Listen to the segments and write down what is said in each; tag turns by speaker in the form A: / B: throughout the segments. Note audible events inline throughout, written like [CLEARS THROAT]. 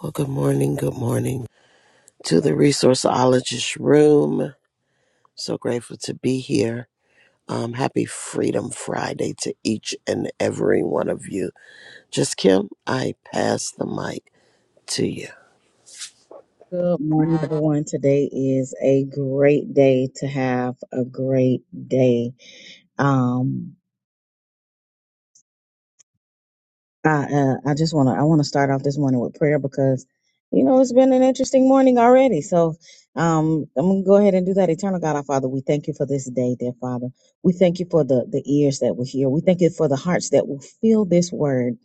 A: Well, good morning. Good morning to the resourceologist room. So grateful to be here. Um, happy Freedom Friday to each and every one of you. Just Kim, I pass the mic to you.
B: Good morning, everyone. Today is a great day to have a great day. Um, I uh, I just want to I want to start off this morning with prayer because you know it's been an interesting morning already. So um I'm gonna go ahead and do that. Eternal God, our Father, we thank you for this day, dear Father. We thank you for the the ears that will hear. We thank you for the hearts that will feel this word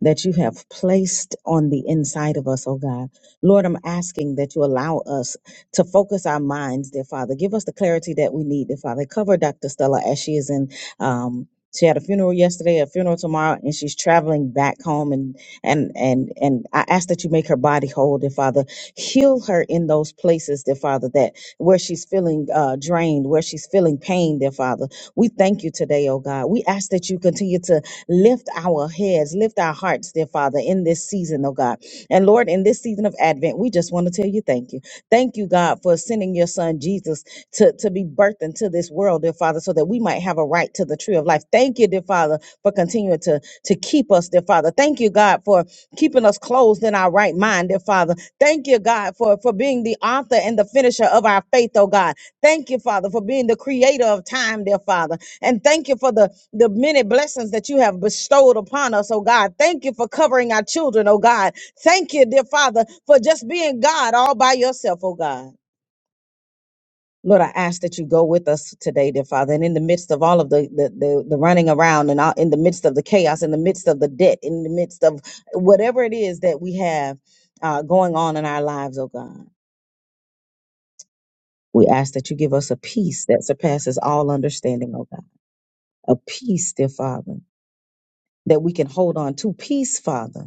B: that you have placed on the inside of us, oh God. Lord, I'm asking that you allow us to focus our minds, dear Father. Give us the clarity that we need, dear Father. Cover Dr. Stella as she is in um she had a funeral yesterday, a funeral tomorrow, and she's traveling back home. And and and and I ask that you make her body whole, dear Father. Heal her in those places, dear Father, that where she's feeling uh, drained, where she's feeling pain, dear Father. We thank you today, oh God. We ask that you continue to lift our heads, lift our hearts, dear Father, in this season, oh God. And Lord, in this season of Advent, we just want to tell you thank you. Thank you, God, for sending your son Jesus to, to be birthed into this world, dear Father, so that we might have a right to the tree of life. Thank you, dear Father, for continuing to, to keep us, dear Father. Thank you, God, for keeping us closed in our right mind, dear Father. Thank you, God, for, for being the author and the finisher of our faith, oh God. Thank you, Father, for being the creator of time, dear Father. And thank you for the, the many blessings that you have bestowed upon us, oh God. Thank you for covering our children, oh God. Thank you, dear Father, for just being God all by yourself, oh God. Lord, I ask that you go with us today, dear Father. And in the midst of all of the the, the, the running around and all, in the midst of the chaos, in the midst of the debt, in the midst of whatever it is that we have uh, going on in our lives, oh God, we ask that you give us a peace that surpasses all understanding, oh God. A peace, dear Father, that we can hold on to. Peace, Father.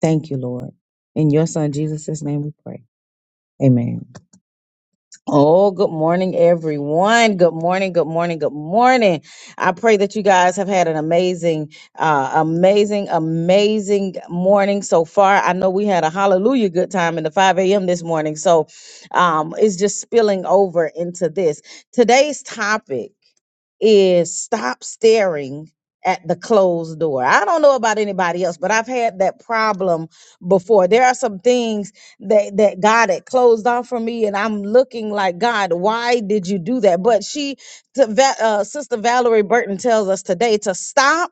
B: Thank you, Lord. In your Son, Jesus' name we pray. Amen. Oh, good morning, everyone. Good morning, good morning, good morning. I pray that you guys have had an amazing, uh, amazing, amazing morning so far. I know we had a hallelujah good time in the 5 a.m. this morning. So um, it's just spilling over into this. Today's topic is stop staring at the closed door. I don't know about anybody else, but I've had that problem before. There are some things that that God had closed off for me, and I'm looking like God, why did you do that? But she, to, Va- uh, Sister Valerie Burton tells us today to stop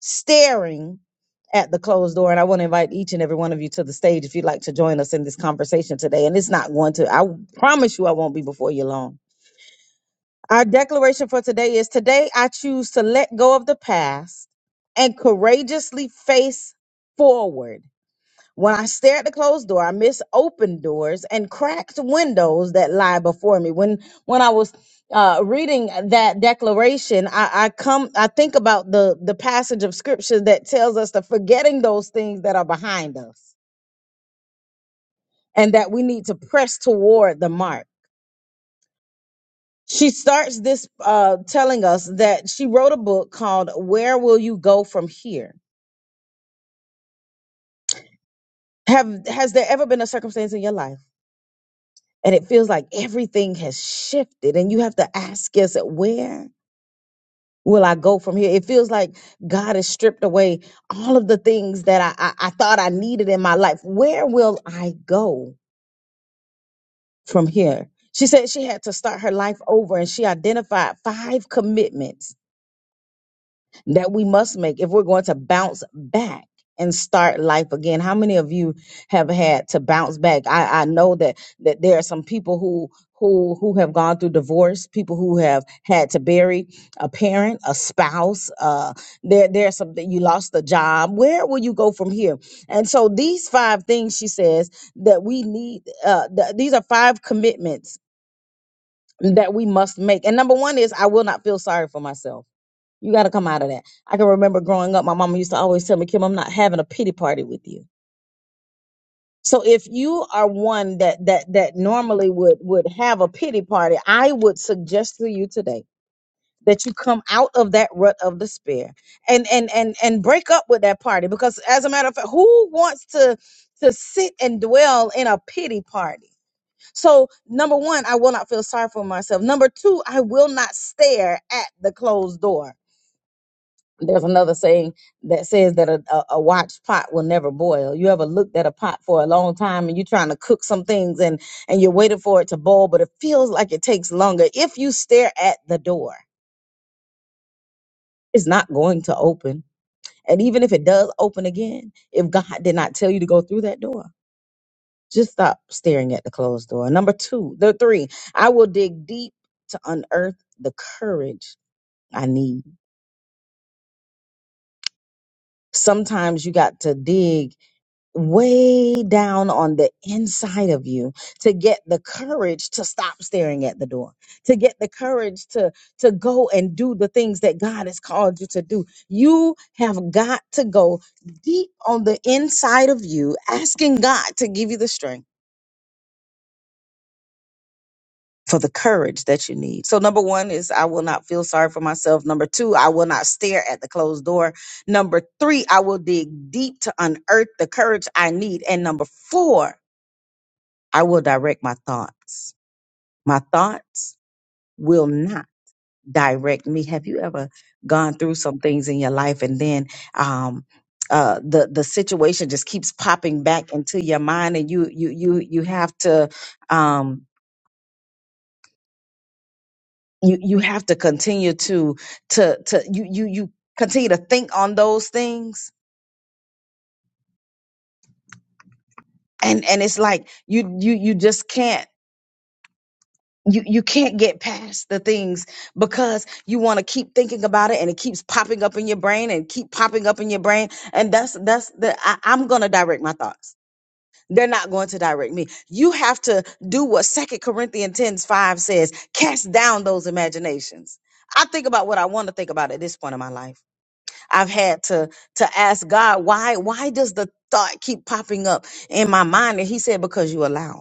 B: staring at the closed door and i want to invite each and every one of you to the stage if you'd like to join us in this conversation today and it's not going to i promise you i won't be before you long our declaration for today is today I choose to let go of the past and courageously face forward. When I stare at the closed door, I miss open doors and cracked windows that lie before me. When when I was uh, reading that declaration, I, I come I think about the the passage of scripture that tells us that forgetting those things that are behind us and that we need to press toward the mark. she starts this uh, telling us that she wrote a book called "Where Will You Go From Here." Have has there ever been a circumstance in your life and it feels like everything has shifted, and you have to ask yourself, "Where will I go from here?" It feels like God has stripped away all of the things that I, I, I thought I needed in my life. Where will I go from here? She said she had to start her life over, and she identified five commitments that we must make if we're going to bounce back and start life again. How many of you have had to bounce back? I, I know that that there are some people who who who have gone through divorce, people who have had to bury a parent, a spouse. Uh, there there are some that you lost a job. Where will you go from here? And so these five things she says that we need. Uh, th- these are five commitments that we must make. And number one is I will not feel sorry for myself. You got to come out of that. I can remember growing up, my mama used to always tell me, Kim, I'm not having a pity party with you. So if you are one that that that normally would would have a pity party, I would suggest to you today that you come out of that rut of despair and and and and break up with that party because as a matter of fact, who wants to to sit and dwell in a pity party? So number 1, I will not feel sorry for myself. Number 2, I will not stare at the closed door. there's another saying that says that a, a, a watch pot will never boil. You ever looked at a pot for a long time and you're trying to cook some things and and you're waiting for it to boil, but it feels like it takes longer. If you stare at the door, it's not going to open. And even if it does open again, if God did not tell you to go through that door, just stop staring at the closed door. Number two, the three, I will dig deep to unearth the courage I need. Sometimes you got to dig way down on the inside of you to get the courage to stop staring at the door to get the courage to to go and do the things that God has called you to do you have got to go deep on the inside of you asking God to give you the strength for the courage that you need. So number 1 is I will not feel sorry for myself. Number 2, I will not stare at the closed door. Number 3, I will dig deep to unearth the courage I need. And number 4, I will direct my thoughts. My thoughts will not direct me. Have you ever gone through some things in your life and then um uh, the the situation just keeps popping back into your mind, and you you you you have to um, you you have to continue to to to you you you continue to think on those things, and and it's like you you you just can't you you can't get past the things because you want to keep thinking about it and it keeps popping up in your brain and keep popping up in your brain and that's that's the I, i'm going to direct my thoughts they're not going to direct me you have to do what second corinthians 10 5 says cast down those imaginations i think about what i want to think about at this point in my life i've had to to ask god why why does the thought keep popping up in my mind and he said because you allow it."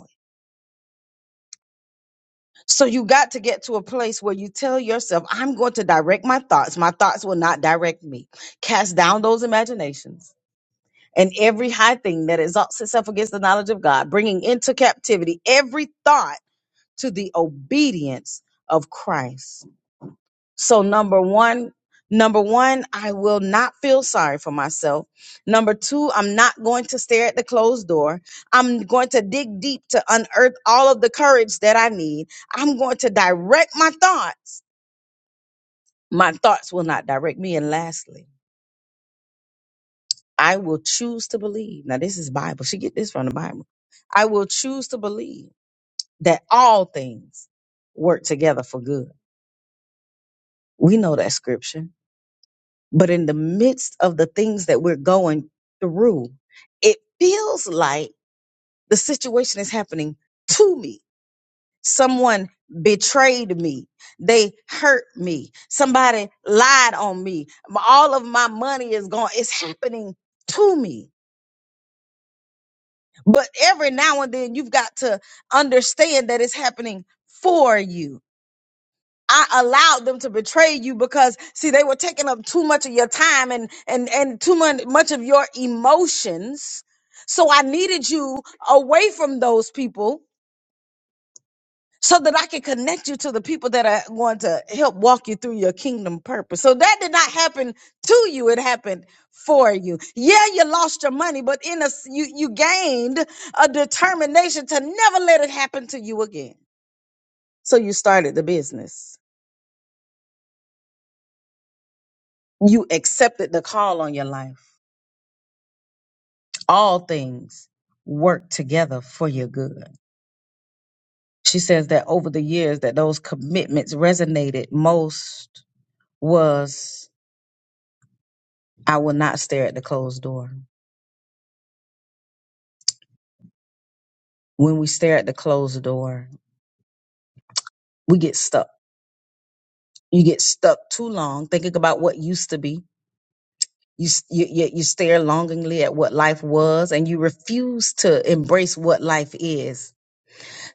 B: So you got to get to a place where you tell yourself, I'm going to direct my thoughts. My thoughts will not direct me. Cast down those imaginations and every high thing that exalts itself against the knowledge of God, bringing into captivity every thought to the obedience of Christ. So number one, number one, I will not feel sorry for myself. Number two, I'm not going to stare at the closed door. I'm going to dig deep to unearth all of the courage that I need. I'm going to direct my thoughts. My thoughts will not direct me. And lastly, I will choose to believe. Now this is Bible. She get this from the Bible. I will choose to believe that all things work together for good. We know that scripture. But in the midst of the things that we're going through, it feels like the situation is happening to me. Someone betrayed me. They hurt me. Somebody lied on me. M- All of my money is gone. It's happening to me. But every now and then you've got to understand that it's happening for you I allowed them to betray you because see they were taking up too much of your time and and and too much much of your emotions. So I needed you away from those people so that I could connect you to the people that are going to help walk you through your kingdom purpose. So that did not happen to you, it happened for you. Yeah, you lost your money, but in a s- you you gained a determination to never let it happen to you again. So you started the business You accepted the call on your life. All things work together for your good. She says that over the years that those commitments resonated most was I will not stare at the closed door. When we stare at the closed door, we get stuck. You get stuck too long thinking about what used to be. You, s- you, you you stare longingly at what life was and you refuse to embrace what life is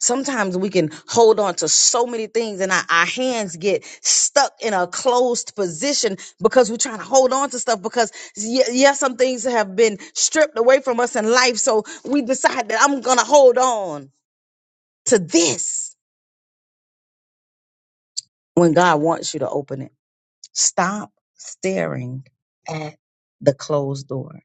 B: Sometimes we can hold on to so many things and our, our hands get stuck in a closed position because we're trying to hold on to stuff because yes, yeah, some things have been stripped away from us in life. So we decide that I'm going to hold on to this when God wants you to open it. Stop staring at the closed door.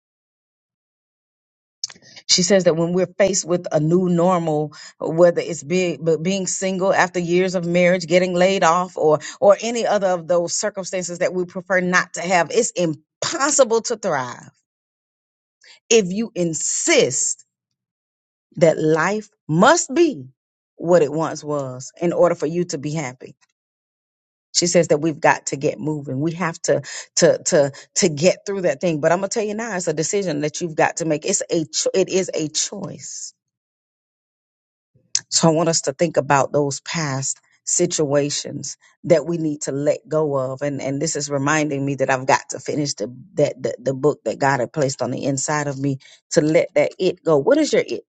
B: She says that when we're faced with a new normal, whether it's be, but being single after years of marriage, getting laid off, or or any other of those circumstances that we prefer not to have, it's impossible to thrive if you insist that life must be what it once was in order for you to be happy. She says that we've got to get moving. We have to to to to get through that thing. But I'm gonna tell you now, it's a decision that you've got to make. It's a cho- it is a choice So I want us to think about those past situations that we need to let go of. And and this is reminding me that I've got to finish the that the, the book that God had placed on the inside of me to let that it go. What is your it?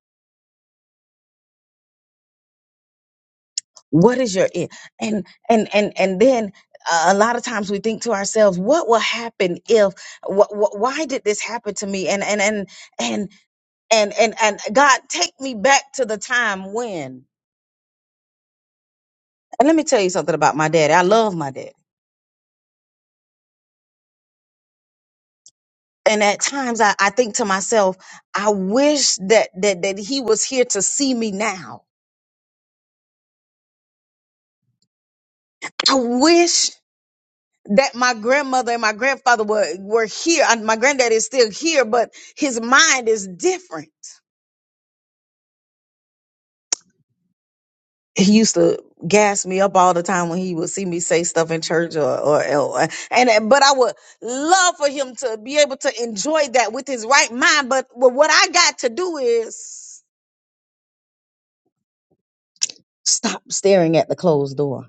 B: What is your it? And and and and then uh, a lot of times we think to ourselves, what will happen if wh- wh- why did this happen to me? And and and and and and and God take me back to the time when. And let me tell you something about my daddy. I love my dad and at times I, I think to myself, I wish that that that he was here to see me now. I wish that my grandmother and my grandfather were were here. And my granddad is still here, but his mind is different. He used to gas me up all the time when he would see me say stuff in church or or, or and but I would love for him to be able to enjoy that with his right mind. But what I got to do is stop staring at the closed door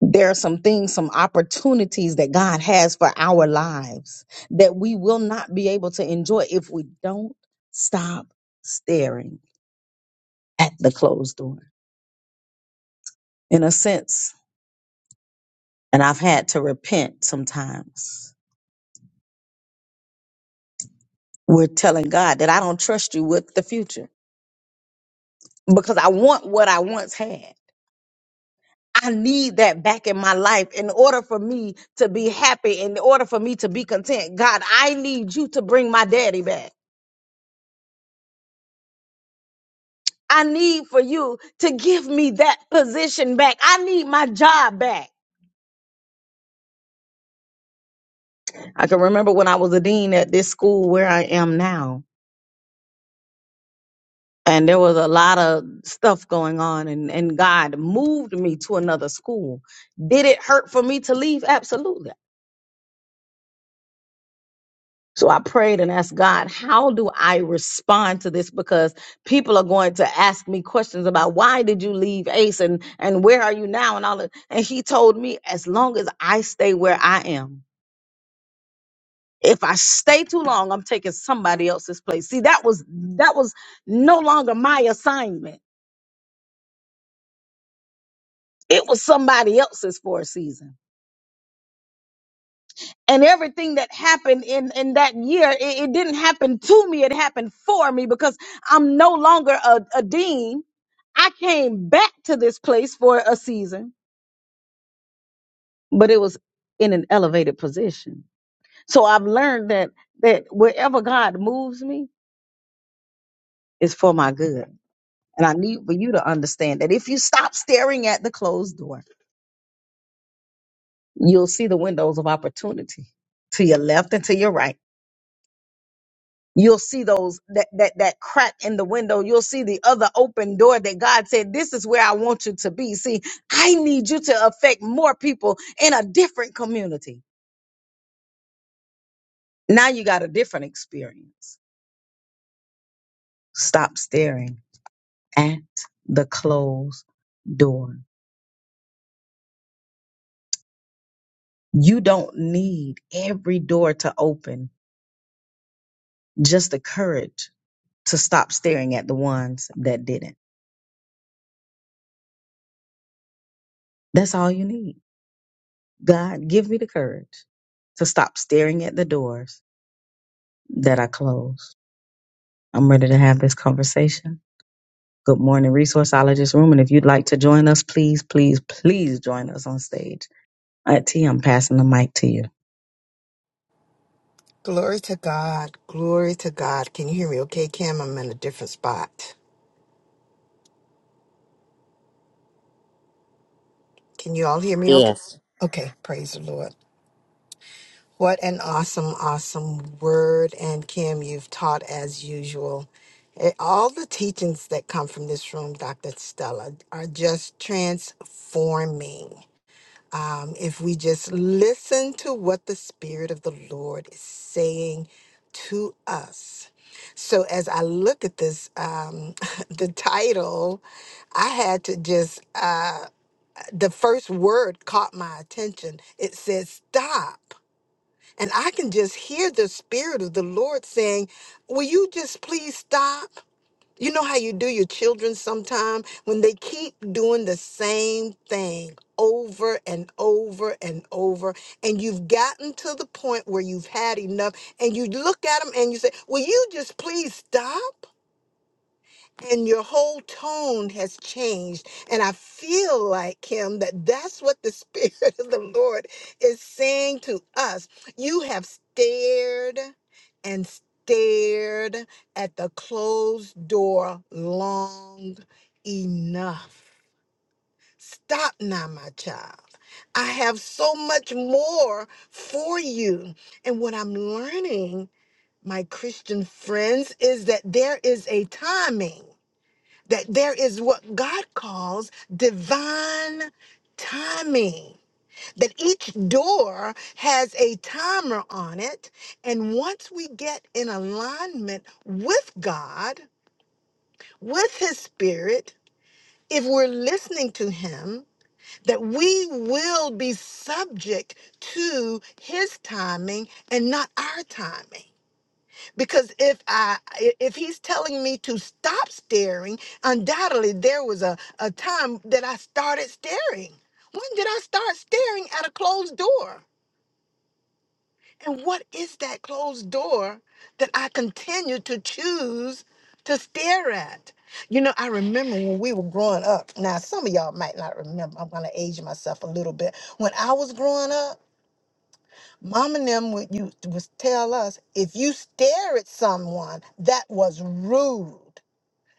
B: there are some things, some opportunities that God has for our lives that we will not be able to enjoy if we don't stop staring at the closed door. In a sense, and I've had to repent sometimes, we're telling God that I don't trust you with the future because I want what I once had. I need that back in my life in order for me to be happy, in order for me to be content. God, I need you to bring my daddy back. I need for you to give me that position back. I need my job back. I can remember when I was a dean at this school where I am now. And there was a lot of stuff going on, and, and God moved me to another school. Did it hurt for me to leave? Absolutely. So I prayed and asked God, how do I respond to this? Because people are going to ask me questions about why did you leave Ace and, and where are you now and all that. And he told me, as long as I stay where I am, if I stay too long, I'm taking somebody else's place. See, that was that was no longer my assignment. It was somebody else's for a season. And everything that happened in, in that year, it, it didn't happen to me, it happened for me because I'm no longer a, a dean. I came back to this place for a season, but it was in an elevated position. So I've learned that that wherever God moves me is for my good And I need for you to understand that if you stop staring at the closed door, you'll see the windows of opportunity to your left and to your right. You'll see those that that that crack in the window. You'll see the other open door that God said, "This is where I want you to be." See, I need you to affect more people in a different community. Now you got a different experience. Stop staring at the closed door. You don't need every door to open, just the courage to stop staring at the ones that didn't. That's all you need. God, give me the courage to stop staring at the doors that are closed. I'm ready to have this conversation. Good morning, Resourceologist Room. And if you'd like to join us, please, please, please join us on stage. Auntie, I'm passing the mic to you.
C: Glory to God. Glory to God. Can you hear me okay, Kim? I'm in a different spot. Can you all hear me okay?
A: Yes.
C: Okay. Praise the Lord. What an awesome, awesome word. And Kim, you've taught as usual. Eh, All the teachings that come from this room, Dr. Stella, are just transforming. um, if we just listen to what the Spirit of the Lord is saying to us. So as I look at this, um, [LAUGHS] the title, I had to just, uh, the first word caught my attention. It says, stop. And I can just hear the Spirit of the Lord saying, Will you just please stop? You know how you do your children sometime when they keep doing the same thing over and over and over, and you've gotten to the point where you've had enough, and you look at them and you say, Will you just please stop? and your whole tone has changed and i feel like him that that's what the [LAUGHS] spirit of the lord is saying to us you have stared and stared at the closed door long enough stop now my child i have so much more for you and what i'm learning my christian friends is that there is a timing that there is what God calls divine timing. That each door has a timer on it. And once we get in alignment with God, with His Spirit, if we're listening to Him, that we will be subject to His timing and not our timing because if i i- if he's telling me to stop staring undoubtedly there was a, a time that i started staring when did i start staring at a closed door and what is that closed door that i continue to choose to stare at you know i remember when we were growing up now some of y'all might not remember i'm going to age myself a little bit when i was growing up Mom and them would you was tell us if you stare at someone that was rude.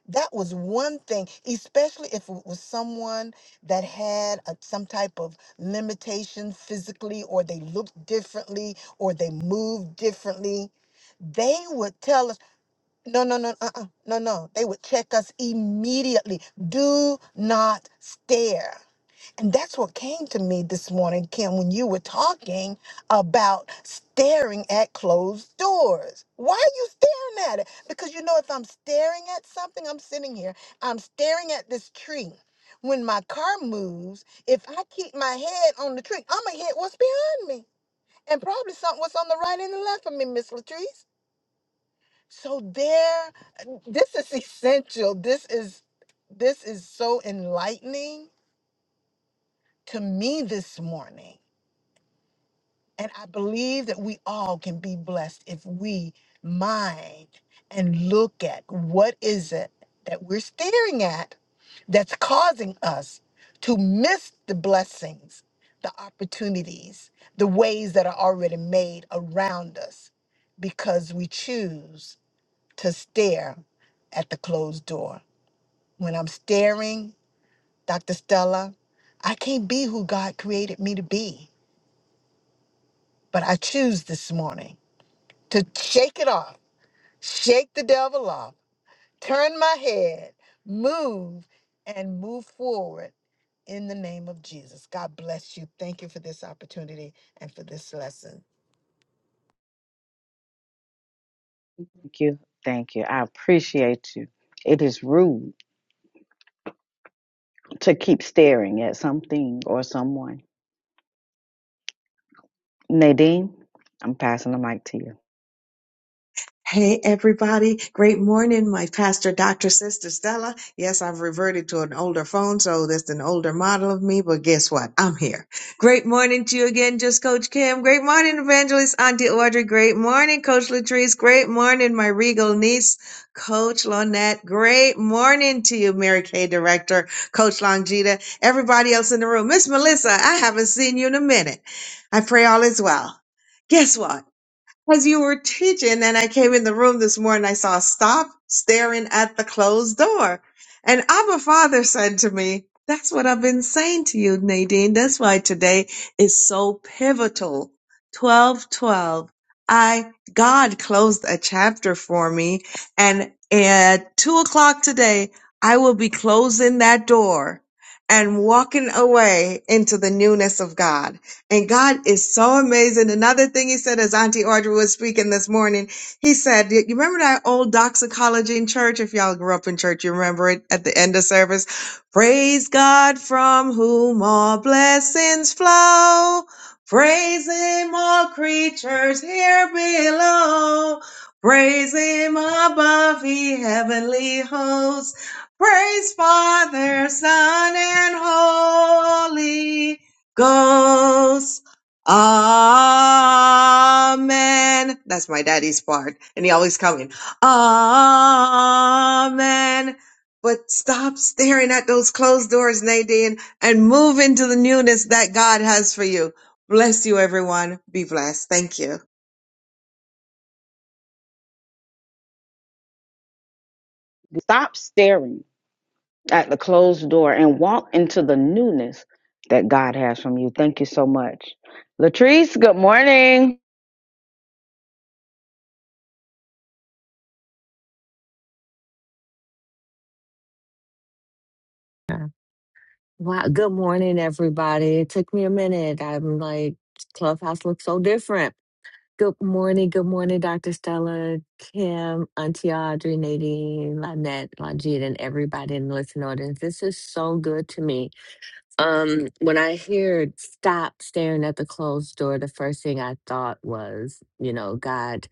C: That was one thing, especially if it was someone that had a, some type of limitation physically, or they looked differently, or they moved differently. They would tell us, no, no, no, uh, uh no, no. They would check us immediately. Do not stare. And that's what came to me this morning, Kim, when you were talking about staring at closed doors. Why are you staring at it? Because you know, if I'm staring at something, I'm sitting here, I'm staring at this tree. When my car moves, if I keep my head on the tree, I'm going to hit what's behind me and probably something what's on the right and the left of me, Miss Latrice. So there, this is [LAUGHS] essential. This is this is so enlightening to me this morning And I believe that we all can be blessed if we mind and look at what is it that we're staring at that's causing us to miss the blessings, the opportunities, the ways that are already made around us because we choose to stare at the closed door. When I'm staring, Dr. Stella, I can't be who God created me to be, but I choose this morning to shake it off, shake the devil off, turn my head, move, and move forward in the name of Jesus. God bless you. Thank you for this opportunity and for this lesson.
B: Thank you. Thank you. I appreciate you. It is rude to keep staring at something or someone. Nadine, I'm passing the mic to you.
D: Hey everybody, great morning, my pastor, Dr. Sister Stella. Yes, I've reverted to an older phone, so that's an older model of me, but guess what? I'm here. Great morning to you again, just Coach Kim. Great morning, Evangelist Auntie Audrey. Great morning, Coach Latrice. Great morning, my regal niece, Coach Lonette. Great morning to you, Mary Kay Director, Coach Longita, everybody else in the room. Miss Melissa, I haven't seen you in a minute. I pray all is well. Guess what? Because you were teaching, and I came in the room this morning, I saw stop staring at the closed door. And Abba Father said to me, That's what I've been saying to you, Nadine. That's why today is so pivotal. 12, 12. I, God closed a chapter for me. And at two o'clock today, I will be closing that door and walking away into the newness of God. And God is so amazing. Another thing he said as Auntie Audrey was speaking this morning, he said, You remember that old doxicology in church? If y'all grew up in church, you remember it at the end of service. Praise God from whom all blessings flow. Praise him, all creatures here below. Praise him above the heavenly hosts. Praise Father, Son, and Holy. Ghost. Amen. That's my daddy's part. And he always coming. Amen. But stop staring at those closed doors, Nadine, and move into the newness that God has for you. Bless you, everyone. Be blessed. Thank you.
B: Stop staring. at the closed door and walk into the newness that God has from you. Thank you so much. Latrice, good morning.
E: Yeah. Wow. Good morning, everybody. It took me a minute. I'm like, Clubhouse looks so different. Good morning. Good morning, Dr. Stella, Kim, Auntie Audrey, Nadine, Lynette, Lajit, and everybody in the listening audience. This is so good to me. Um, when I heard stop staring at the closed door, the first thing I thought was, you know, God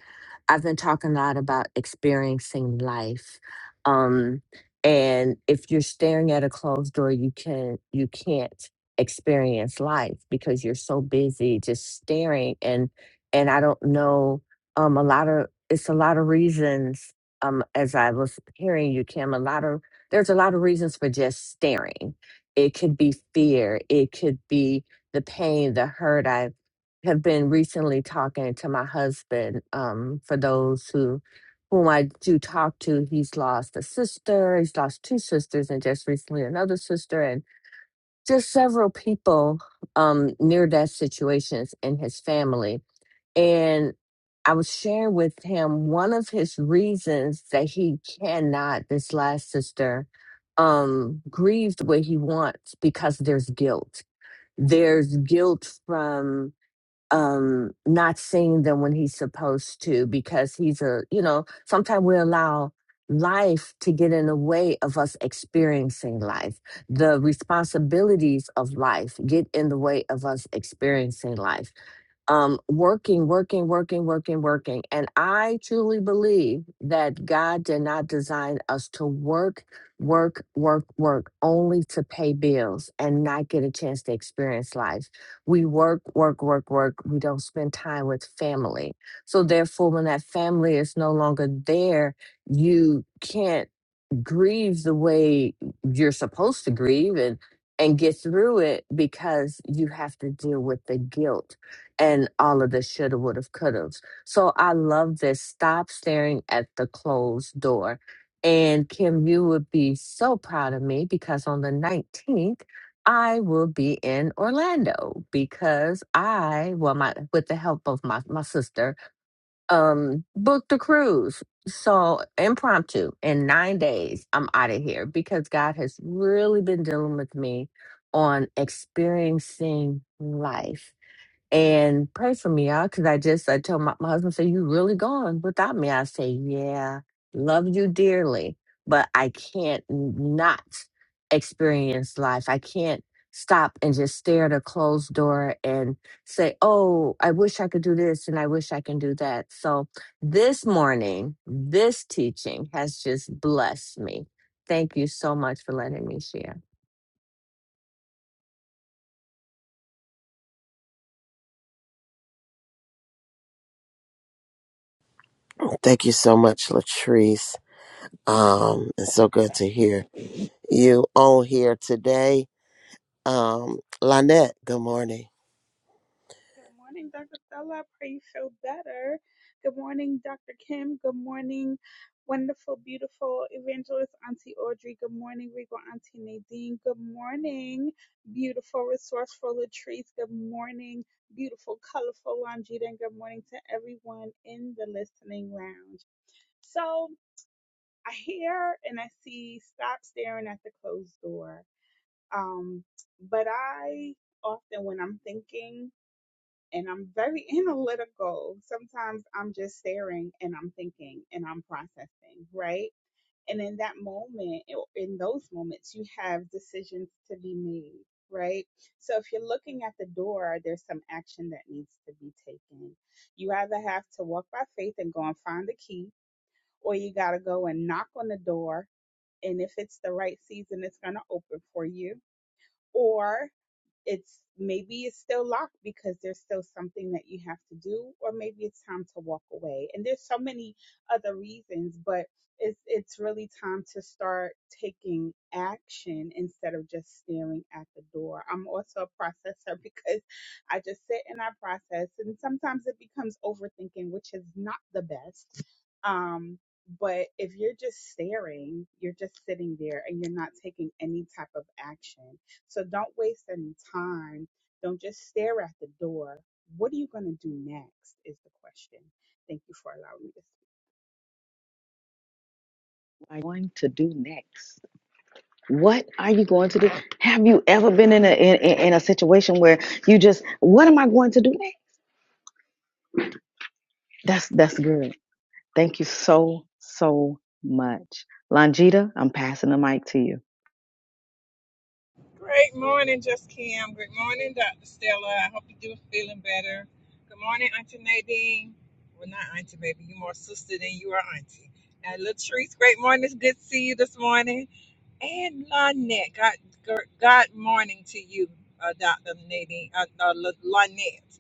E: I've been talking a lot about experiencing life. Um, and if you're staring at a closed door, you can you can't experience life because you're so busy just staring and and I don't know um a lot of it's a lot of reasons um as I was hearing you Kim a lot of there's a lot of reasons for just staring. It could be fear, it could be the pain, the hurt have been recently talking to my husband. Um, for those who whom I do talk to, he's lost a sister, he's lost two sisters, and just recently another sister, and just several people um near death situations in his family. And I was sharing with him one of his reasons that he cannot, this last sister, um, grieve the way he wants because there's guilt. There's guilt from um not seeing them when he's supposed to because he's a you know sometimes we allow life to get in the way of us experiencing life the responsibilities of life get in the way of us experiencing life um, working, working, working, working, working. And I truly believe that God did not design us to work, work, work, work, only to pay bills and not get a chance to experience life. We work, work, work, work. We don't spend time with family. So, therefore, when that family is no longer there, you can't grieve the way you're supposed to grieve and and get through it because you have to deal with the guilt and all of the shoulda woulda coulda so i love this stop staring at the closed door and kim you would be so proud of me because on the 19th i will be in orlando because i well my with the help of my my sister um booked a cruise so impromptu in nine days i'm out of here because god has really been dealing with me on experiencing life and pray for me, y'all. Because I just I told my, my husband, "Say you really gone without me?" I say, "Yeah, love you dearly, but I can't n- not experience life. I can't stop and just stare at a closed door and say, "Oh, I wish I could do this and I wish I can do that." So this morning, this teaching has just blessed me. Thank you so much for letting me share.
A: Thank you so much, Latrice. Um, it's so good to hear you on here today. Um, Lynette, good morning.
F: Good morning, Dr. Stella. I pray you feel better. Good morning, Dr. Kim. Good morning, wonderful, beautiful evangelist Auntie Audrey. Good morning, regal Auntie Nadine. Good morning, beautiful, resourceful Latrice. Good morning, beautiful, colorful Longita. And good morning to everyone in the listening lounge. So I hear and I see stop staring at the closed door. Um, but I often, when I'm thinking, and I'm very [LAUGHS] analytical. Sometimes I'm just staring and I'm thinking and I'm processing, right? And in that moment, or in those moments, you have decisions to be made, right? So if you're looking at the door, there's some action that needs to be taken. You either have to walk by faith and go and find the key, or you got to go and knock on the door. And if it's the right season, it's going to open for you. Or it's maybe it's still locked because there's still something that you have to do or maybe it's time to walk away and there's so many other reasons but it's it's really time to start taking action instead of just staring at the door i'm also a processor [LAUGHS] because i just sit and i process and sometimes it becomes overthinking which is not the best um but if you're just staring, you're just sitting there and you're not taking any type of action. So don't waste any time. Don't just stare at the door. What are you going to do next? Is the question. Thank you for allowing me to speak.
B: What are you going to do next? What are you going to do? Have you ever been in a in, in in a situation where you just what am I going to do next? That's that's good. Thank you so so much. Longita, I'm passing the mic to you.
G: Great morning, Just Kim. Good morning, Dr. Stella. I hope you do feeling better. Good morning, Auntie Nadine. Well, not Auntie, baby. You more sister than you are Auntie. And Latrice, great morning. It's good to see you this morning. And Lonette, God, gr- God morning to you, uh, Dr. Nadine, uh, uh, L- Lonette.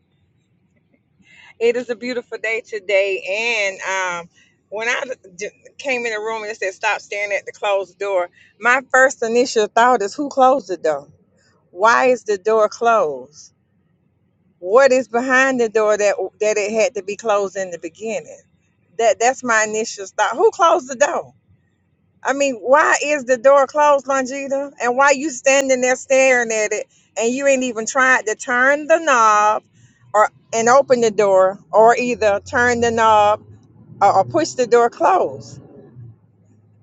G: It is a beautiful day today. And um, when I d- came in the room and it said, stop staring at the closed door, my first initial thought is, who closed the door? Why is the door closed? What is behind the door that that it had to be closed in the beginning? That that's my initial thought. Who closed the door? I mean, why is the door closed, Longita? And why you standing there staring at it and you ain't even tried to turn the knob or and open the door or either turn the knob or, or push the door closed?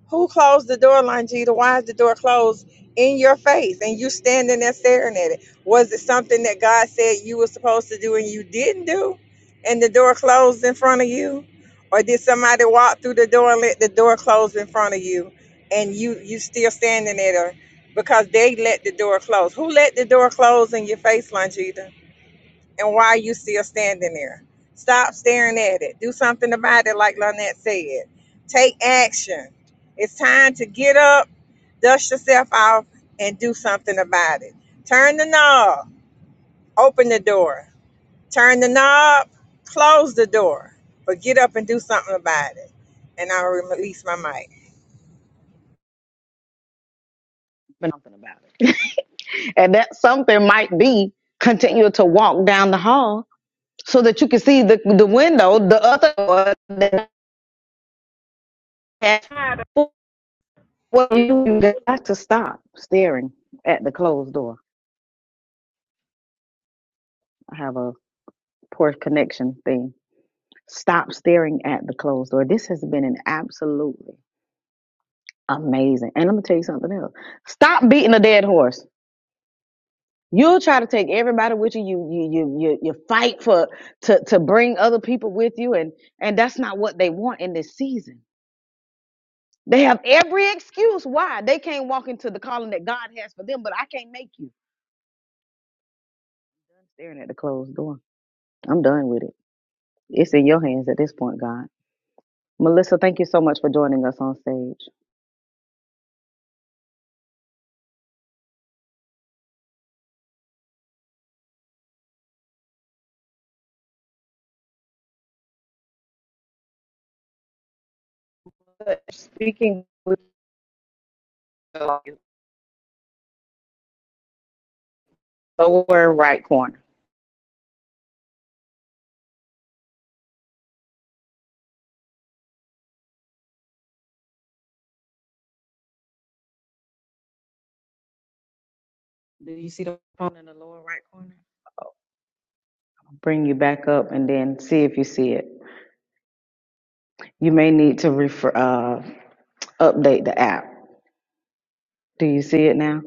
G: Who closed the door, Longita? Why is the door closed in your face and you standing there staring at it? Was it something that God said you were supposed to do and you didn't do? And the door closed in front of you? Or did somebody walk through the door and let the door close in front of you and you you still standing there because they let the door close? Who let the door close in your face, Longita? and why you still standing there? Stop staring at it. Do something about it, like Lynette said. Take action. It's time to get up, dust yourself off, and do something about it. Turn the knob, open the door. Turn the knob, close the door. But get up and do something about it. And I'll release my mic.
B: Been Something about it. And that something might be continue to walk down the hall so that you can see the the window, the other one. Well, you you got to stop staring at the closed door. I have a poor connection thing. Stop staring at the closed door. This has been an absolutely amazing. And let me tell you something else. Stop beating a dead horse. You'll try to take everybody with you. You you you you, you fight for to to bring other people with you, and and that's not what they want in this season. They have every excuse why they can't walk into the calling that God has for them, but I can't make you. Staring at the closed door I'm done with it. It's in your hands at this point, God. Melissa, thank you so much for joining us on stage. Speaking with the lower right corner. Do you see the phone in the lower right corner? I'll bring you back up and then see if you see it. You may need to refer, uh, update the app. Do you see it now?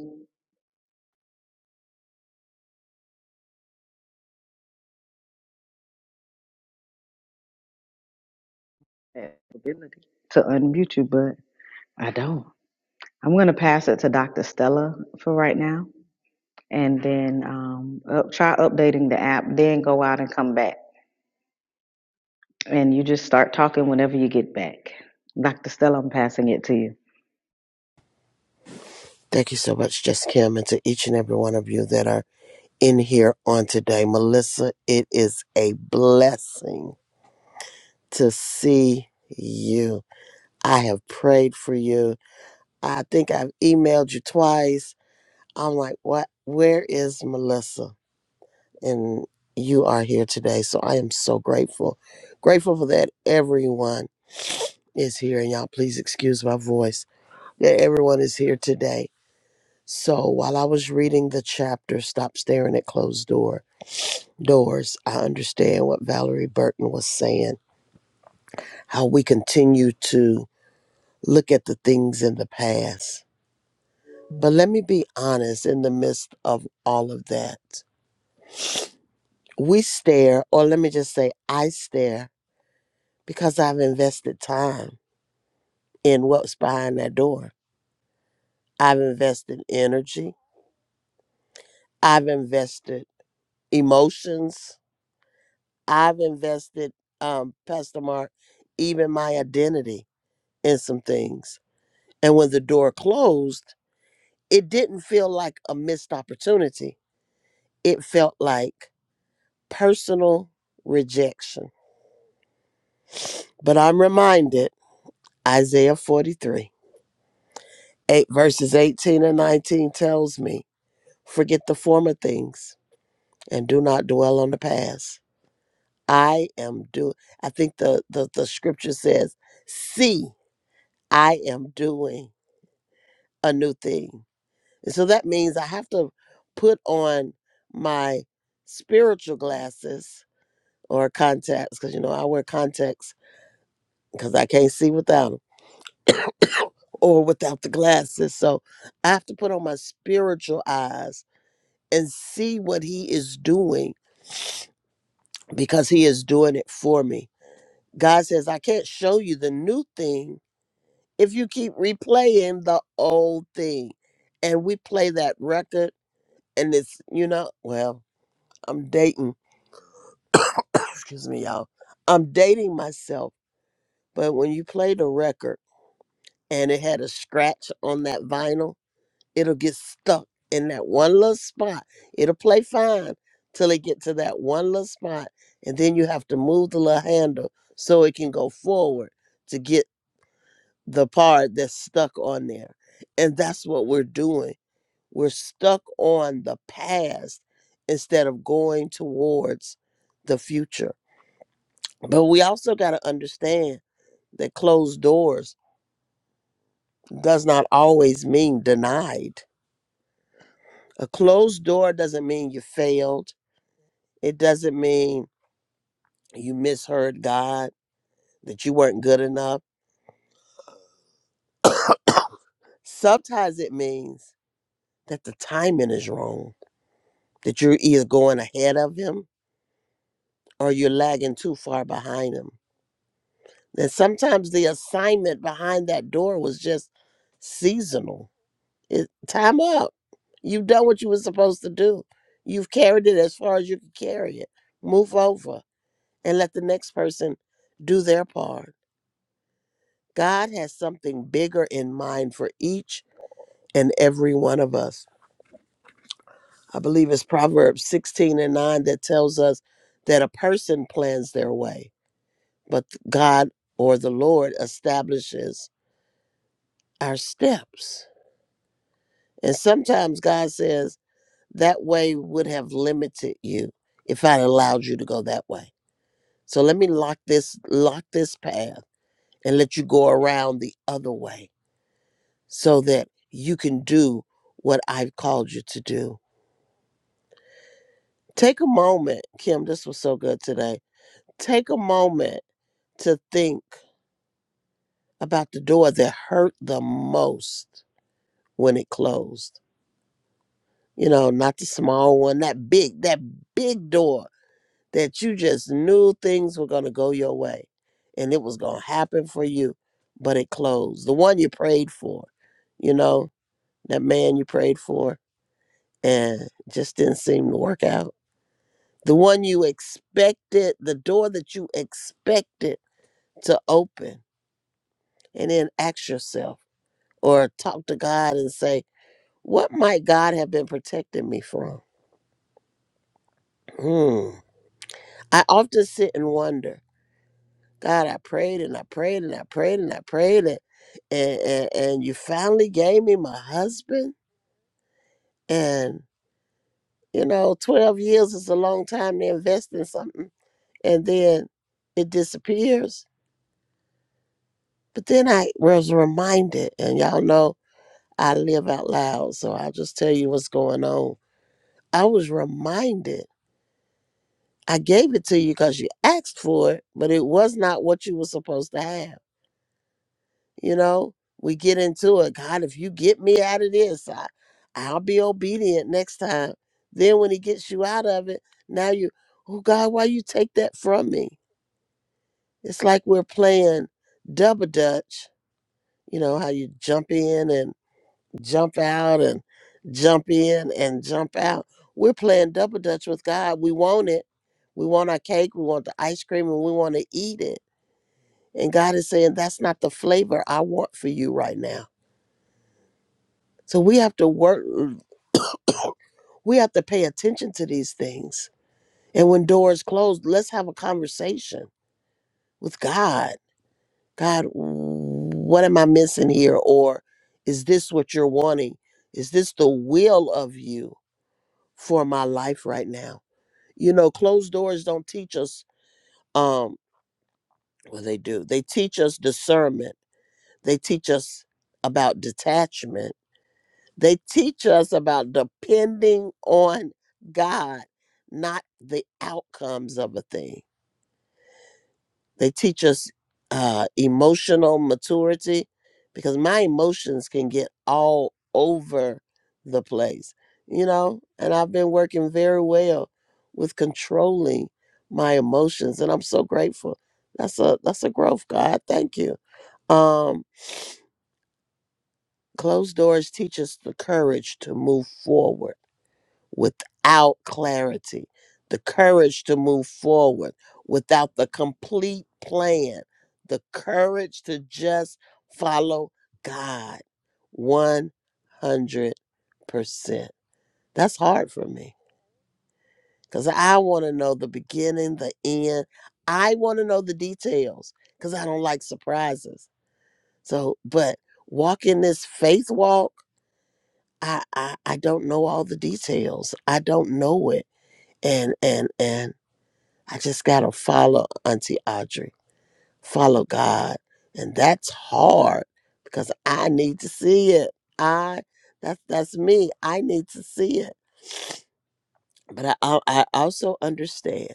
B: Have the Ability to unmute you, but I don't. I'm going to pass it to Dr. Stella for right now, and then um, up, try updating the app. Then go out and come back And you just start talking whenever you get back. Dr. Stella, I'm passing it to you.
A: Thank you so much, Just Kim, and to each and every one of you that are in here on today. Melissa, it is a blessing to see you. I have prayed for you. I think I've emailed you twice. I'm like, what? Where is Melissa? And you are here today. So I am so grateful. Grateful for that everyone is here. And y'all, please excuse my voice that everyone is here today. So while I was reading the chapter, Stop Staring at Closed Door, doors. I understand what Valerie Burton was saying, how we continue to look at the things in the past. But let me be honest, in the midst of all of that, we stare, or let me just say, I stare because I've invested time in what's behind that door. I've invested energy, I've invested emotions, I've invested, um, Pastor Mark, even my identity in some things. And when the door closed, it didn't feel like a missed opportunity. It felt like personal rejection. But I'm reminded Isaiah 43, 8 verses 18 and 19 tells me, forget the former things and do not dwell on the past. I am do I think the, the the scripture says, see, I am doing a new thing. And so that means I have to put on my spiritual glasses or contacts because you know I wear contacts because I can't see without them or without the glasses. So I have to put on my spiritual eyes and see what He is doing because He is doing it for me. God says, I can't show you the new thing if you keep replaying the old thing. And we play that record, and it's, you know, well, I'm dating, [LAUGHS] [CLEARS THROAT] excuse me, y'all. I'm dating myself. But when you play the record and it had a scratch on that vinyl, it'll get stuck in that one little spot. It'll play fine till it get to that one little spot, and then you have to move the little handle so it can go forward to get the part that's stuck on there. And that's what we're doing. We're stuck on the past instead of going towards the future. But we also got to understand that closed doors does not always mean denied. A closed door doesn't mean you failed It doesn't mean you misheard God, that you weren't good enough. Sometimes it means that the timing is wrong, that you're either going ahead of Him or you're lagging too far behind Him. And sometimes the assignment behind that door was just seasonal. It, time up. You've done what you were supposed to do. You've carried it as far as you can carry it. Move over and let the next person do their part. God has something bigger in mind for each in every one of us. I believe it's Proverbs 16 and 9 that tells us that a person plans their way, but God or the Lord establishes our steps. And sometimes God says, that way would have limited you if I allowed you to go that way. So let me lock this lock this path and let you go around the other way so that you can do what I've called you to do. Take a moment, Kim, this was so good today Take a moment to think about the door that hurt the most when it closed. You know, not the small one, that big, that big door that you just knew things were going to go your way and it was going to happen for you, but it closed. The one you prayed for, you know, that man you prayed for and just didn't seem to work out. The one you expected, the door that you expected to open. And then ask yourself, or talk to God and say, What might God have been protecting me from? Hmm. I often sit and wonder, God, I prayed and I prayed and I prayed and I prayed and and, and, and you finally gave me my husband. And, you know, 12 years is a long time to invest in something. And then it disappears. But then I was reminded, and y'all know I live out loud, so I'll just tell you what's going on. I was reminded I gave it to you because you asked for it, but it was not what you were supposed to have. You know, we get into it. God, if you get me out of this, I, I'll be obedient next time. Then when He gets you out of it, now you, oh God, why you take that from me? It's like we're playing double dutch. You know how you jump in and jump out and jump in and jump out. We're playing double dutch with God. We want it. We want our cake. We want the ice cream and we want to eat it. And God is saying, that's not the flavor I want for you right now. So we have to work, we have to pay attention to these things. And when doors close, let's have a conversation with God. God, what am I missing here? Or is this what you're wanting? Is this the will of you for my life right now? You know, closed doors don't teach us um well they do. They teach us discernment. They teach us about detachment. They teach us about depending on God, not the outcomes of a thing. They teach us uh, emotional maturity because my emotions can get all over the place, you know. And I've been working very well with controlling my emotions, and I'm so grateful. That's a that's a growth, God. Thank you. Um, closed doors teach us the courage to move forward without clarity, the courage to move forward without the complete plan, the courage to just follow God 100%. That's hard for me because I want to know the beginning, the end. I want to know the details because I don't like surprises. So, but walking this faith walk, I, I I don't know all the details. I don't know it and and and I just got to follow Auntie Audrey, follow God. And that's hard because I need to see it. I, that's, that's me. I need to see it. But I, I also understand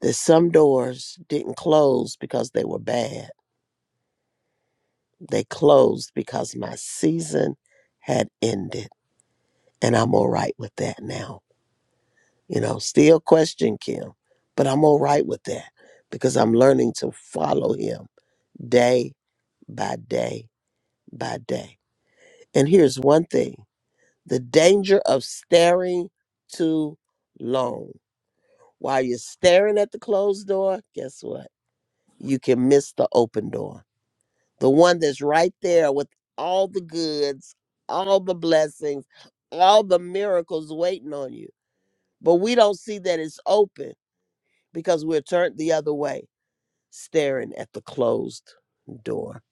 A: that some doors didn't close because they were bad. They closed because my season had ended. And I'm all right with that now. You know, still question Kim, but I'm all right with that because I'm learning to follow him day by day by day. And here's one thing the danger of staring too long. While you're staring at the closed door, guess what? You can miss the open door, the one that's right there with all the goods, all the blessings, all the miracles waiting on you. But we don't see that it's open because we're turned the other way, staring at the closed door.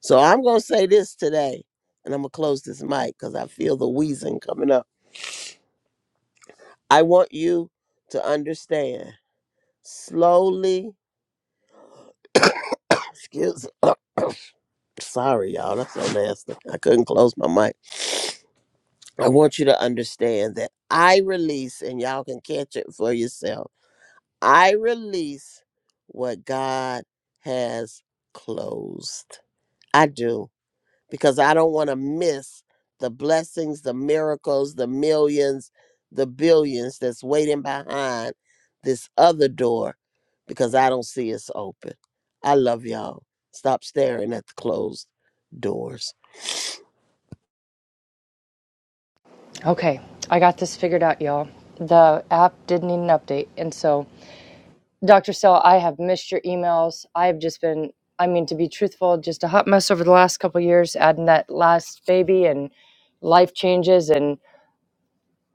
A: So I'm going to say this today, and I'm going to close this mic because I feel the wheezing coming up I want you to understand slowly. Excuse [COUGHS] [CLEARS THROAT] me. sorry, y'all. That's so nasty. I couldn't close my mic. I want you to understand that I release, and y'all can catch it for yourself. I release what God has closed. I do. because I don't want to miss the blessings, the miracles, the millions, the billions that's waiting behind this other door because I don't see it's open. I love y'all. Stop staring at the closed doors.
H: Okay, I got this figured out, y'all. The app did need an update. And so, Dr. Sell, I have missed your emails. I've just been, I mean, to be truthful, just a hot mess over the last couple of years, adding that last baby and life changes. And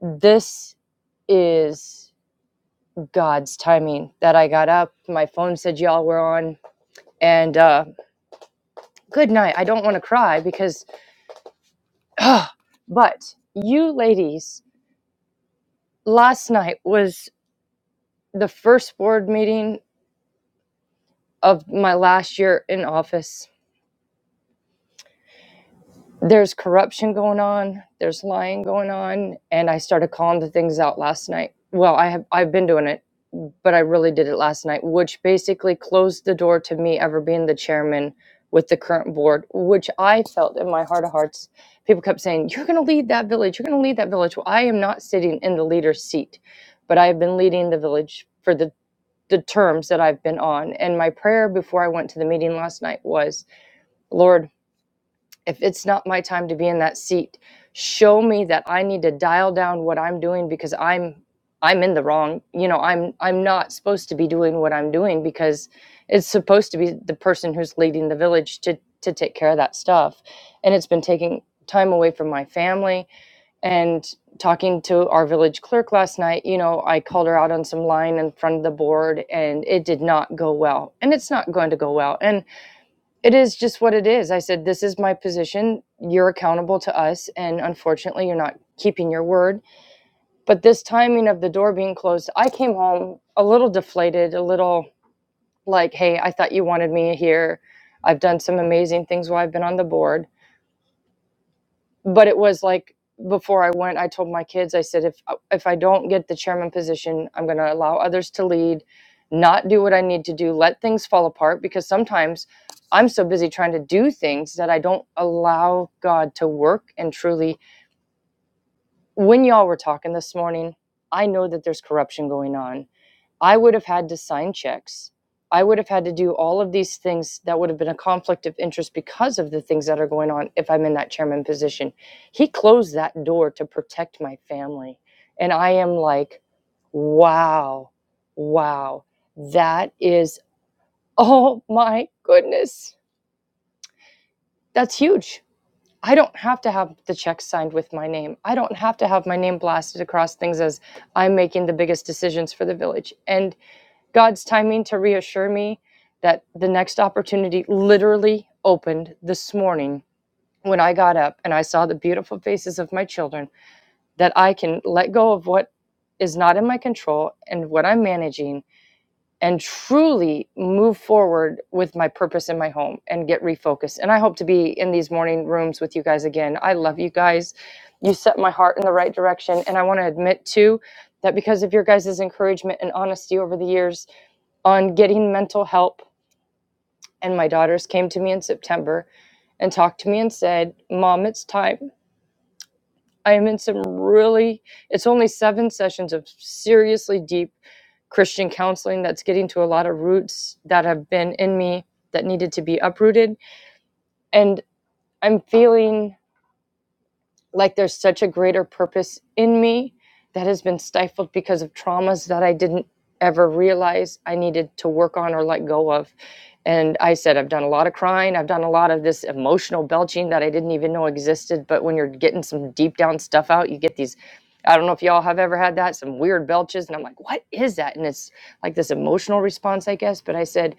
H: this is God's timing that I got up. My phone said y'all were on. And uh, good night. I don't want to cry because, [SIGHS] but you ladies, last night was the first board meeting of my last year in office. There's corruption going on, there's lying going on, and I started calling the things out last night. Well, I have I've been doing it, but I really did it last night, which basically closed the door to me ever being the chairman with the current board, which I felt in my heart of hearts. People kept saying, "You're going to lead that village. You're going to lead that village." Well, I am not sitting in the leader's seat, but I have been leading the village for the the terms that I've been on. And my prayer before I went to the meeting last night was, "Lord, if it's not my time to be in that seat show me that i need to dial down what i'm doing because i'm i'm in the wrong you know i'm i'm not supposed to be doing what i'm doing because it's supposed to be the person who's leading the village to to take care of that stuff and it's been taking time away from my family and talking to our village clerk last night you know i called her out on some line in front of the board and it did not go well and it's not going to go well And it is just what it is. I said, This is my position. You're accountable to us. And unfortunately, you're not keeping your word. But this timing of the door being closed, I came home a little deflated, a little like, Hey, I thought you wanted me here. I've done some amazing things while I've been on the board but it was like before I went, I told my kids, I said, if uh, if I don't get the chairman position, I'm going to allow others to lead, not do what I need to do, let things fall apart because sometimes I'm so busy trying to do things that I don't allow God to work and truly. When y'all were talking this morning, I know that there's corruption going on I would have had to sign checks. I would have had to do all of these things that would have been a conflict of interest because of the things that are going on if I'm in that chairman position. He closed that door to protect my family. And I am like, wow, wow, that is, [LAUGHS] oh my goodness, that's huge. I don't have to have the check signed with my name. I don't have to have my name blasted across things as I'm making the biggest decisions for the village. And God's timing to reassure me that the next opportunity literally opened this morning when I got up and I saw the beautiful faces of my children, that I can let go of what is not in my control and what I'm managing and truly move forward with my purpose in my home and get refocused. And I hope to be in these morning rooms with you guys again. I love you guys. You set my heart in the right direction. And I want to admit, too, that because of your guys' encouragement and honesty over the years, on getting mental help. And my daughters came to me in September and talked to me and said, Mom, it's time. I am in some really, it's only seven sessions of seriously deep Christian counseling that's getting to a lot of roots that have been in me that needed to be uprooted. And I'm feeling like there's such a greater purpose in me that has been stifled because of traumas that I didn't ever realize I needed to work on or let go of. And I said, I've done a lot of crying. I've done a lot of this emotional belching that I didn't even know existed. But when you're getting some deep down stuff out, you get these. I don't know if y'all have ever had that, some weird belches. And I'm like, what is that? And it's like this emotional response, I guess. But I said,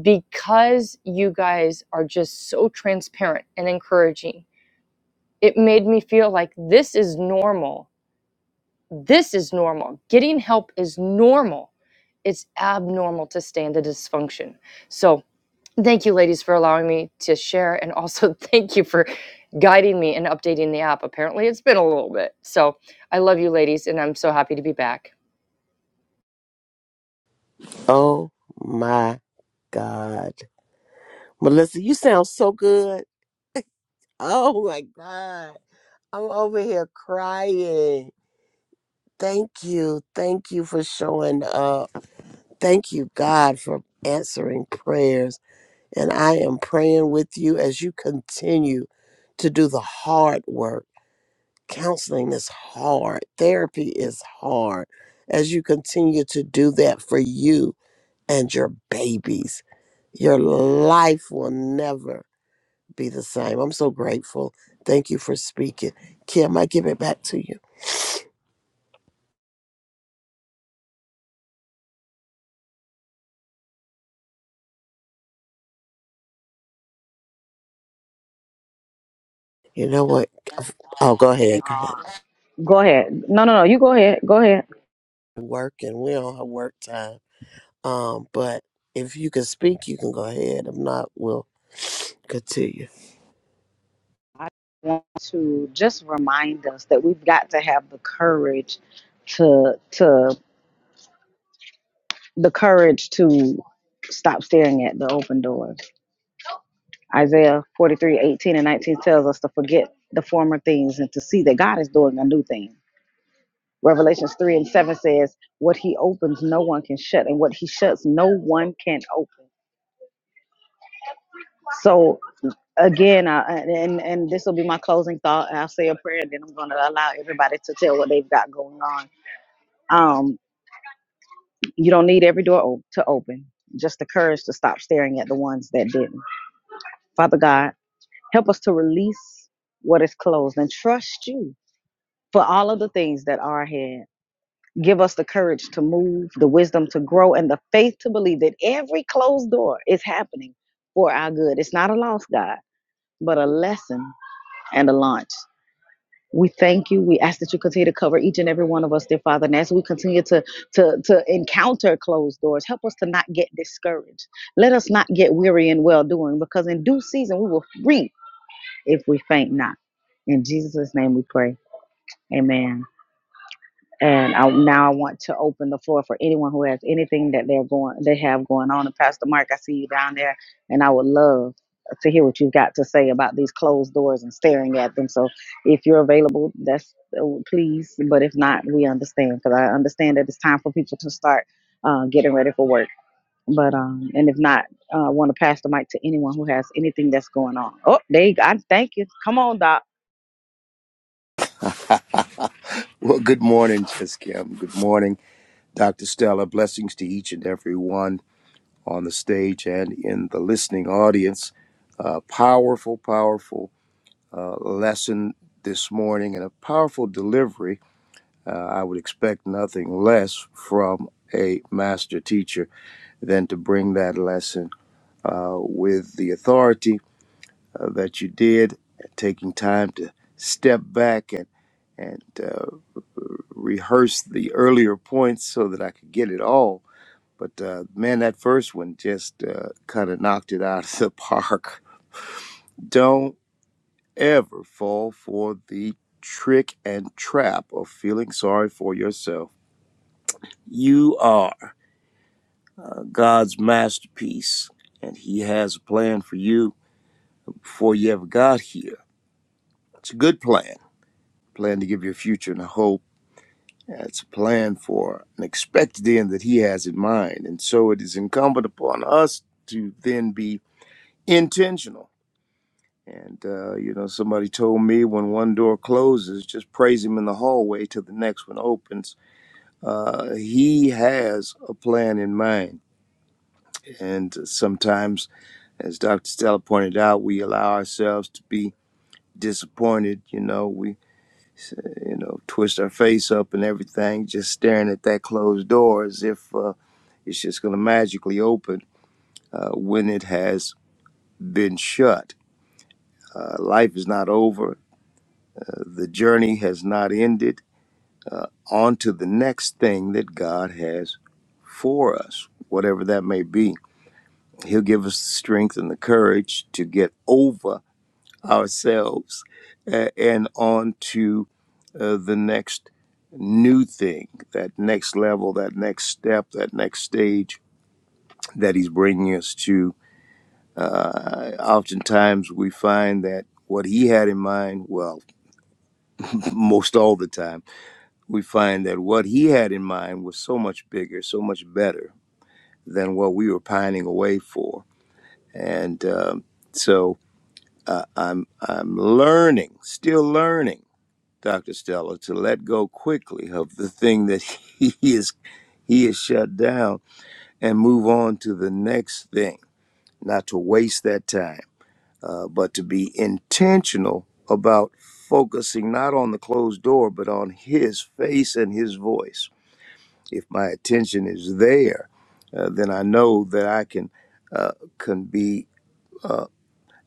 H: because you guys are just so transparent and encouraging it made me feel like this is normal. This is normal. Getting help is normal. It's abnormal to stay in the dysfunction. So, thank you, ladies, for allowing me to share. And also, [LAUGHS] thank you for guiding me and updating the app. Apparently, it's been a little bit. So, I love you, ladies, and I'm so happy to be back.
A: Oh my God. Melissa, you sound so good. Oh my God. I'm over here crying. Thank you. Thank you for showing up. Thank you, God, for answering prayers. And I am praying with you as you continue to do the hard work. Counseling is hard, therapy is hard. As you continue to do that for you and your babies, your life will never be the same. I'm so grateful. Thank you for speaking. Kim, I give it back to you. You know what? Oh, go ahead.
B: Thank
A: Go ahead.
B: uh, Go ahead. No, no, no. You go ahead. Go ahead.
A: Working. we're on her work time. Um, but if you can speak, you can go ahead. If not, we'll continue.
B: I want to just remind us that we've got to have the courage to to the courage to stop staring at the open doors. Isaiah 43:18 and 19 tells us to forget the former things and to see that God is doing a new thing. Revelations 3 and 7 says, What he opens, no one can shut, and what he shuts, no one can open. So again, I, and and this will be my closing thought. I'll say a prayer, then I'm going to allow everybody to tell what they've got going on. Um, you don't need every door o- to open, just the courage to stop staring at the ones that didn't. Father God, help us to release what is closed and trust you for all of the things that are ahead. Give us the courage to move, the wisdom to grow, and the faith to believe that every closed door is happening for our good. It's not a loss, God, but a lesson and a launch. We thank you. We ask that you continue to cover each and every one of us, dear Father. And as we continue to, to, to encounter closed doors, help us to not get discouraged. Let us not get weary in well doing, because in due season we will reap if we faint not. In Jesus' name we pray. Amen. And I, now I want to open the floor for anyone who has anything that they're going, they have going on. And Pastor Mark, I see you down there, and I would love to hear what you've got to say about these closed doors and staring at them. So, if you're available, that's uh, please. But if not, we understand because I understand that it's time for people to start uh, getting ready for work. But um, and if not, uh, I want to pass the mic to anyone who has anything that's going on. Oh, there you go. I thank you. Come on, Doc.
I: Well, good morning, Miss Kim. Good morning, Dr. Stella. Blessings to each and every one on the stage and in the listening audience. Uh, powerful, powerful uh, lesson this morning and a powerful delivery. Uh, I would expect nothing less from a master teacher than to bring that lesson uh, with the authority uh, that you did, taking time to step back and and uh, rehearse the earlier points so that I could get it all. But uh, man, that first one just uh, kind of knocked it out of the [LAUGHS] park. Don't ever fall for the trick and trap of feeling sorry for yourself. You are uh, God's masterpiece, and He has a plan for you before you ever got here. It's a good plan, plan to give you a future and a hope It's a plan for an expected end that he has in mind. And so it is incumbent upon us to then be intentional. And, uh, you know, somebody told me when one door closes, just praise him in the hallway till the next one opens. Uh, he has a plan in mind. And sometimes, as Dr. Stella pointed out, we allow ourselves to be disappointed. You know, we, you know, twist our face up and everything, just staring at that closed door as if. Uh, It's just going to magically open uh, when it has been shut. Uh, life is not over. Uh, the journey has not ended. On to the next thing that God has for us, whatever that may be. He'll give us the strength and the courage to get over ourselves uh, and on to uh, the next new thing, that next level, that next step, that next stage that He's bringing us to oftentimes we find that what he had in mind, well, [LAUGHS] most all the time, we find that what he had in mind was so much bigger, so much better than what we were pining away for. And um, so I'm, I'm learning, still learning, Dr. Stella, to let go quickly of the thing that [LAUGHS] he is, he is shut down and move on to the next thing, not to waste that time uh, but to be intentional about focusing not on the closed door, but on his face and his voice. If my attention is there, uh, then I know that I can uh, can be uh,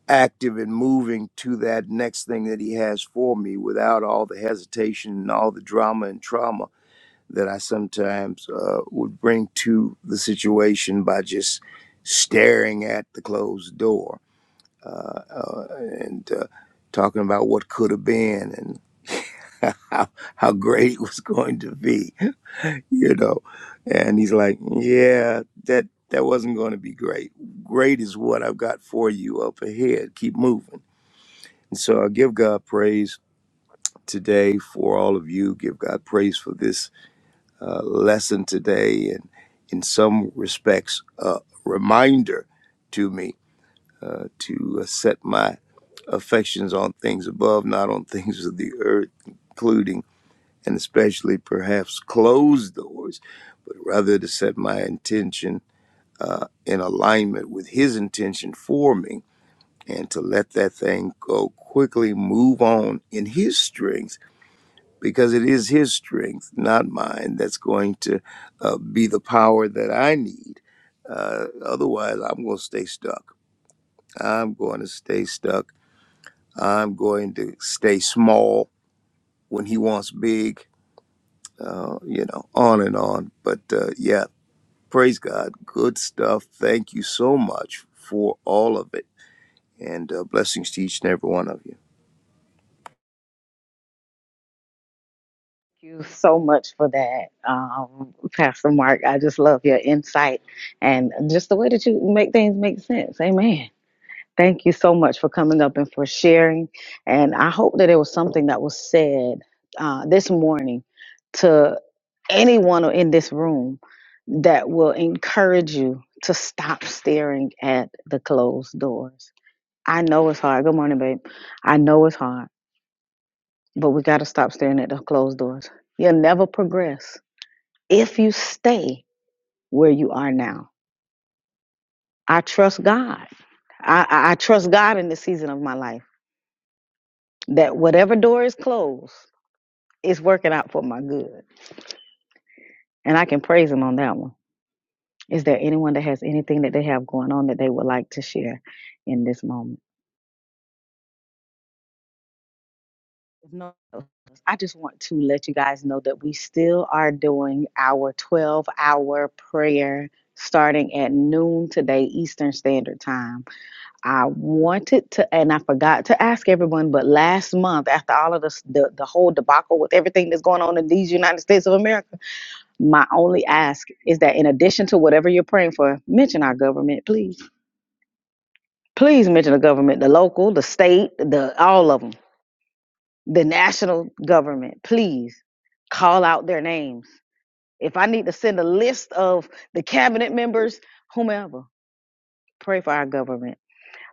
I: active in moving to that next thing that he has for me without all the hesitation and all the drama and trauma that I sometimes uh, would bring to the situation by just staring at the closed door uh, and uh, talking about what could have been and [LAUGHS] how, how great it was going to be, you know. And he's like, "Yeah, that that wasn't going to be great. Great is what I've got for you up ahead. Keep moving." And so I give God praise today for all of you. Give God praise for this uh, lesson today, and in some respects, a reminder to me uh, to uh, set my affections on things above, not on [LAUGHS] things of the earth, including and especially perhaps closed doors, but rather to set my intention uh, in alignment with His intention for me and to let that thing go quickly, move on in His strength, because it is His strength, not mine, that's going to uh, be the power that I need. Uh, otherwise, I'm going to stay stuck. I'm going to stay stuck. I'm going to stay small when he wants big, uh, you know, on and on. But uh, yeah, praise God. Good stuff. Thank you so much for all of it. And uh, blessings to each and every one of you.
B: you so much for that, um, Pastor Mark. I just love your insight and just the way that you make things make sense. Amen. Thank you so much for coming up and for sharing. And I hope that it was something that was said uh, this morning to anyone in this room that will encourage you to stop staring at the closed doors. I know it's hard. Good morning, babe. I know it's hard, but we got to stop staring at the closed doors. You'll never progress if you stay where you are now. I trust God. I, I, I trust God in the season of my life that whatever door is closed, it's working out for my good. And I can praise Him on that one. Is there anyone that has anything that they have going on that they would like to share in this moment? no, I just want to let you guys know that we still are doing our 12 hour prayer starting at noon today, Eastern Standard Time I wanted to, and I forgot to ask everyone, but last month, after all of this, the, the whole debacle with everything that's going on in these United States of America, my only ask is that in addition to whatever you're praying for, mention our government, please. Please mention the government, the local, the state, the all of them, the national government, please call out their names. If I need to send a list of the cabinet members, whomever, pray for our government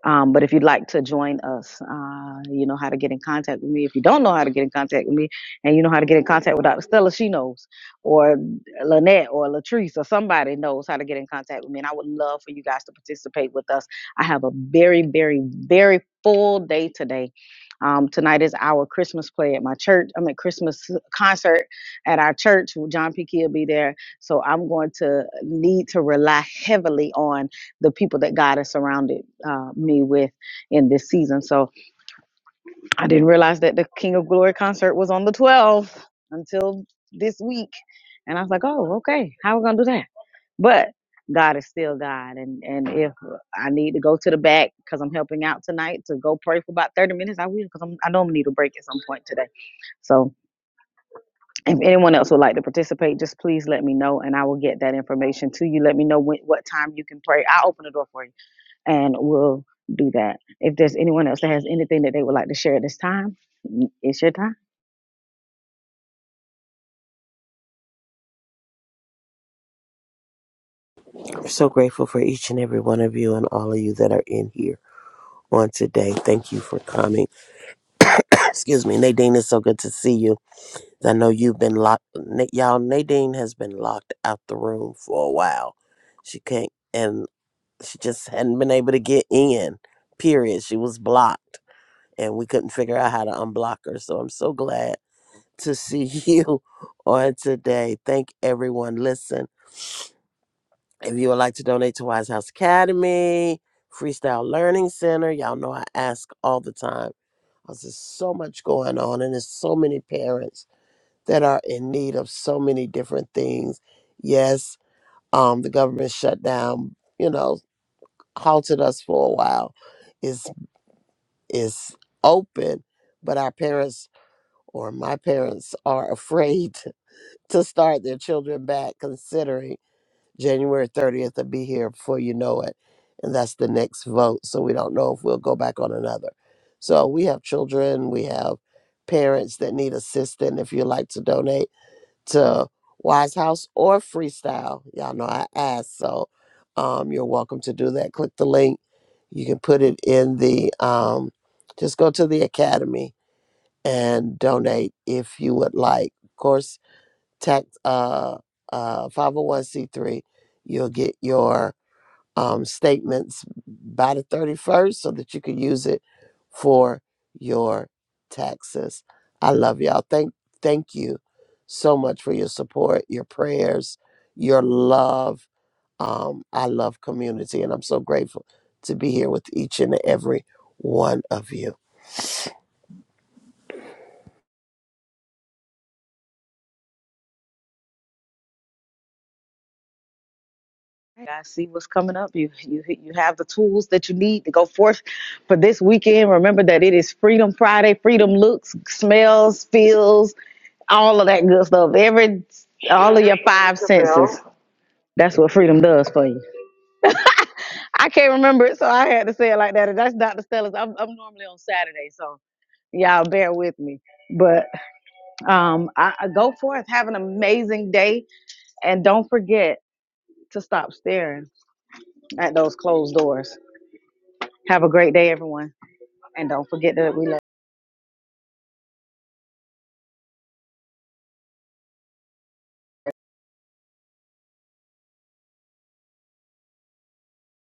B: Um, but if you'd like to join us, uh, you know how to get in contact with me. If you don't know how to get in contact with me and you know how to get in contact with Dr. Stella, she knows, or Lynette or Latrice or somebody knows how to get in contact with me. And I would love for you guys to participate with us. I have a very, very, very full day today. Um, tonight is our Christmas play at my church. I mean, Christmas concert at our church. John P. Key will be there. So I'm going to need to rely heavily on the people that God has surrounded uh, me with in this season. So I didn't realize that the King of Glory concert was on the 12th until this week. And I was like, oh, okay, how we going to do that? But God is still God. And, and if I need to go to the back because I'm helping out tonight to go pray for about 30 minutes, I will because I know I'm going to need a break at some point today. So if anyone else would like to participate, just please let me know and I will get that information to you. Let me know when, what time you can pray. I'll open the door for you and we'll do that. If there's anyone else that has anything that they would like to share at this time, it's your time.
A: We're so grateful for each and every one of you and all of you that are in here on today. Thank you for coming. Excuse me, Nadine. It's so good to see you. I know you've been locked. Na- Y'all, Nadine has been locked out the room for a while. She can't, and she just hadn't been able to get in. Period. She was blocked, and we couldn't figure out how to unblock her. So I'm so glad to see [LAUGHS] you on today. Thank everyone. Listen. If you would like to donate to Wise House Academy, Freestyle Learning Center, y'all know I ask all the time. 'cause There's so much going on, and there's so many parents that are in need of so many different things. Yes, um, the government shutdown, you know, halted us for a while. Is is open, but our parents or my parents are afraid [LAUGHS] to start their children back, considering January 30th will be here before you know it. And that's the next vote. So we don't know if we'll go back on another. So we have children, we have parents that need assistance. If you'd like to donate to Wise House or Freestyle, y'all know I asked. So um, you're welcome to do that. Click the link. You can put it in the, um, just go to the Academy and donate if you would like. Of course, tax uh uh 501c3 you'll get your um statements by the 31st so that you can use it for your taxes i love y'all thank thank you so much for your support your prayers your love um i love community and i'm so grateful to be here with each and every one of you
B: You guys see what's coming up. You you you have the tools that you need to go forth for this weekend. Remember that it is Freedom Friday. Freedom looks, smells, feels, all of that good stuff. Every all of your five senses. That's what freedom does for you. I can't remember it, so I had to say it like that. And that's Dr. Stella's. I'm, I'm normally on Saturday, so y'all bear with me. but. Um, I, I go forth, have an amazing day, and don't forget to stop staring at those closed doors. Have a great day, everyone, and don't forget that we love.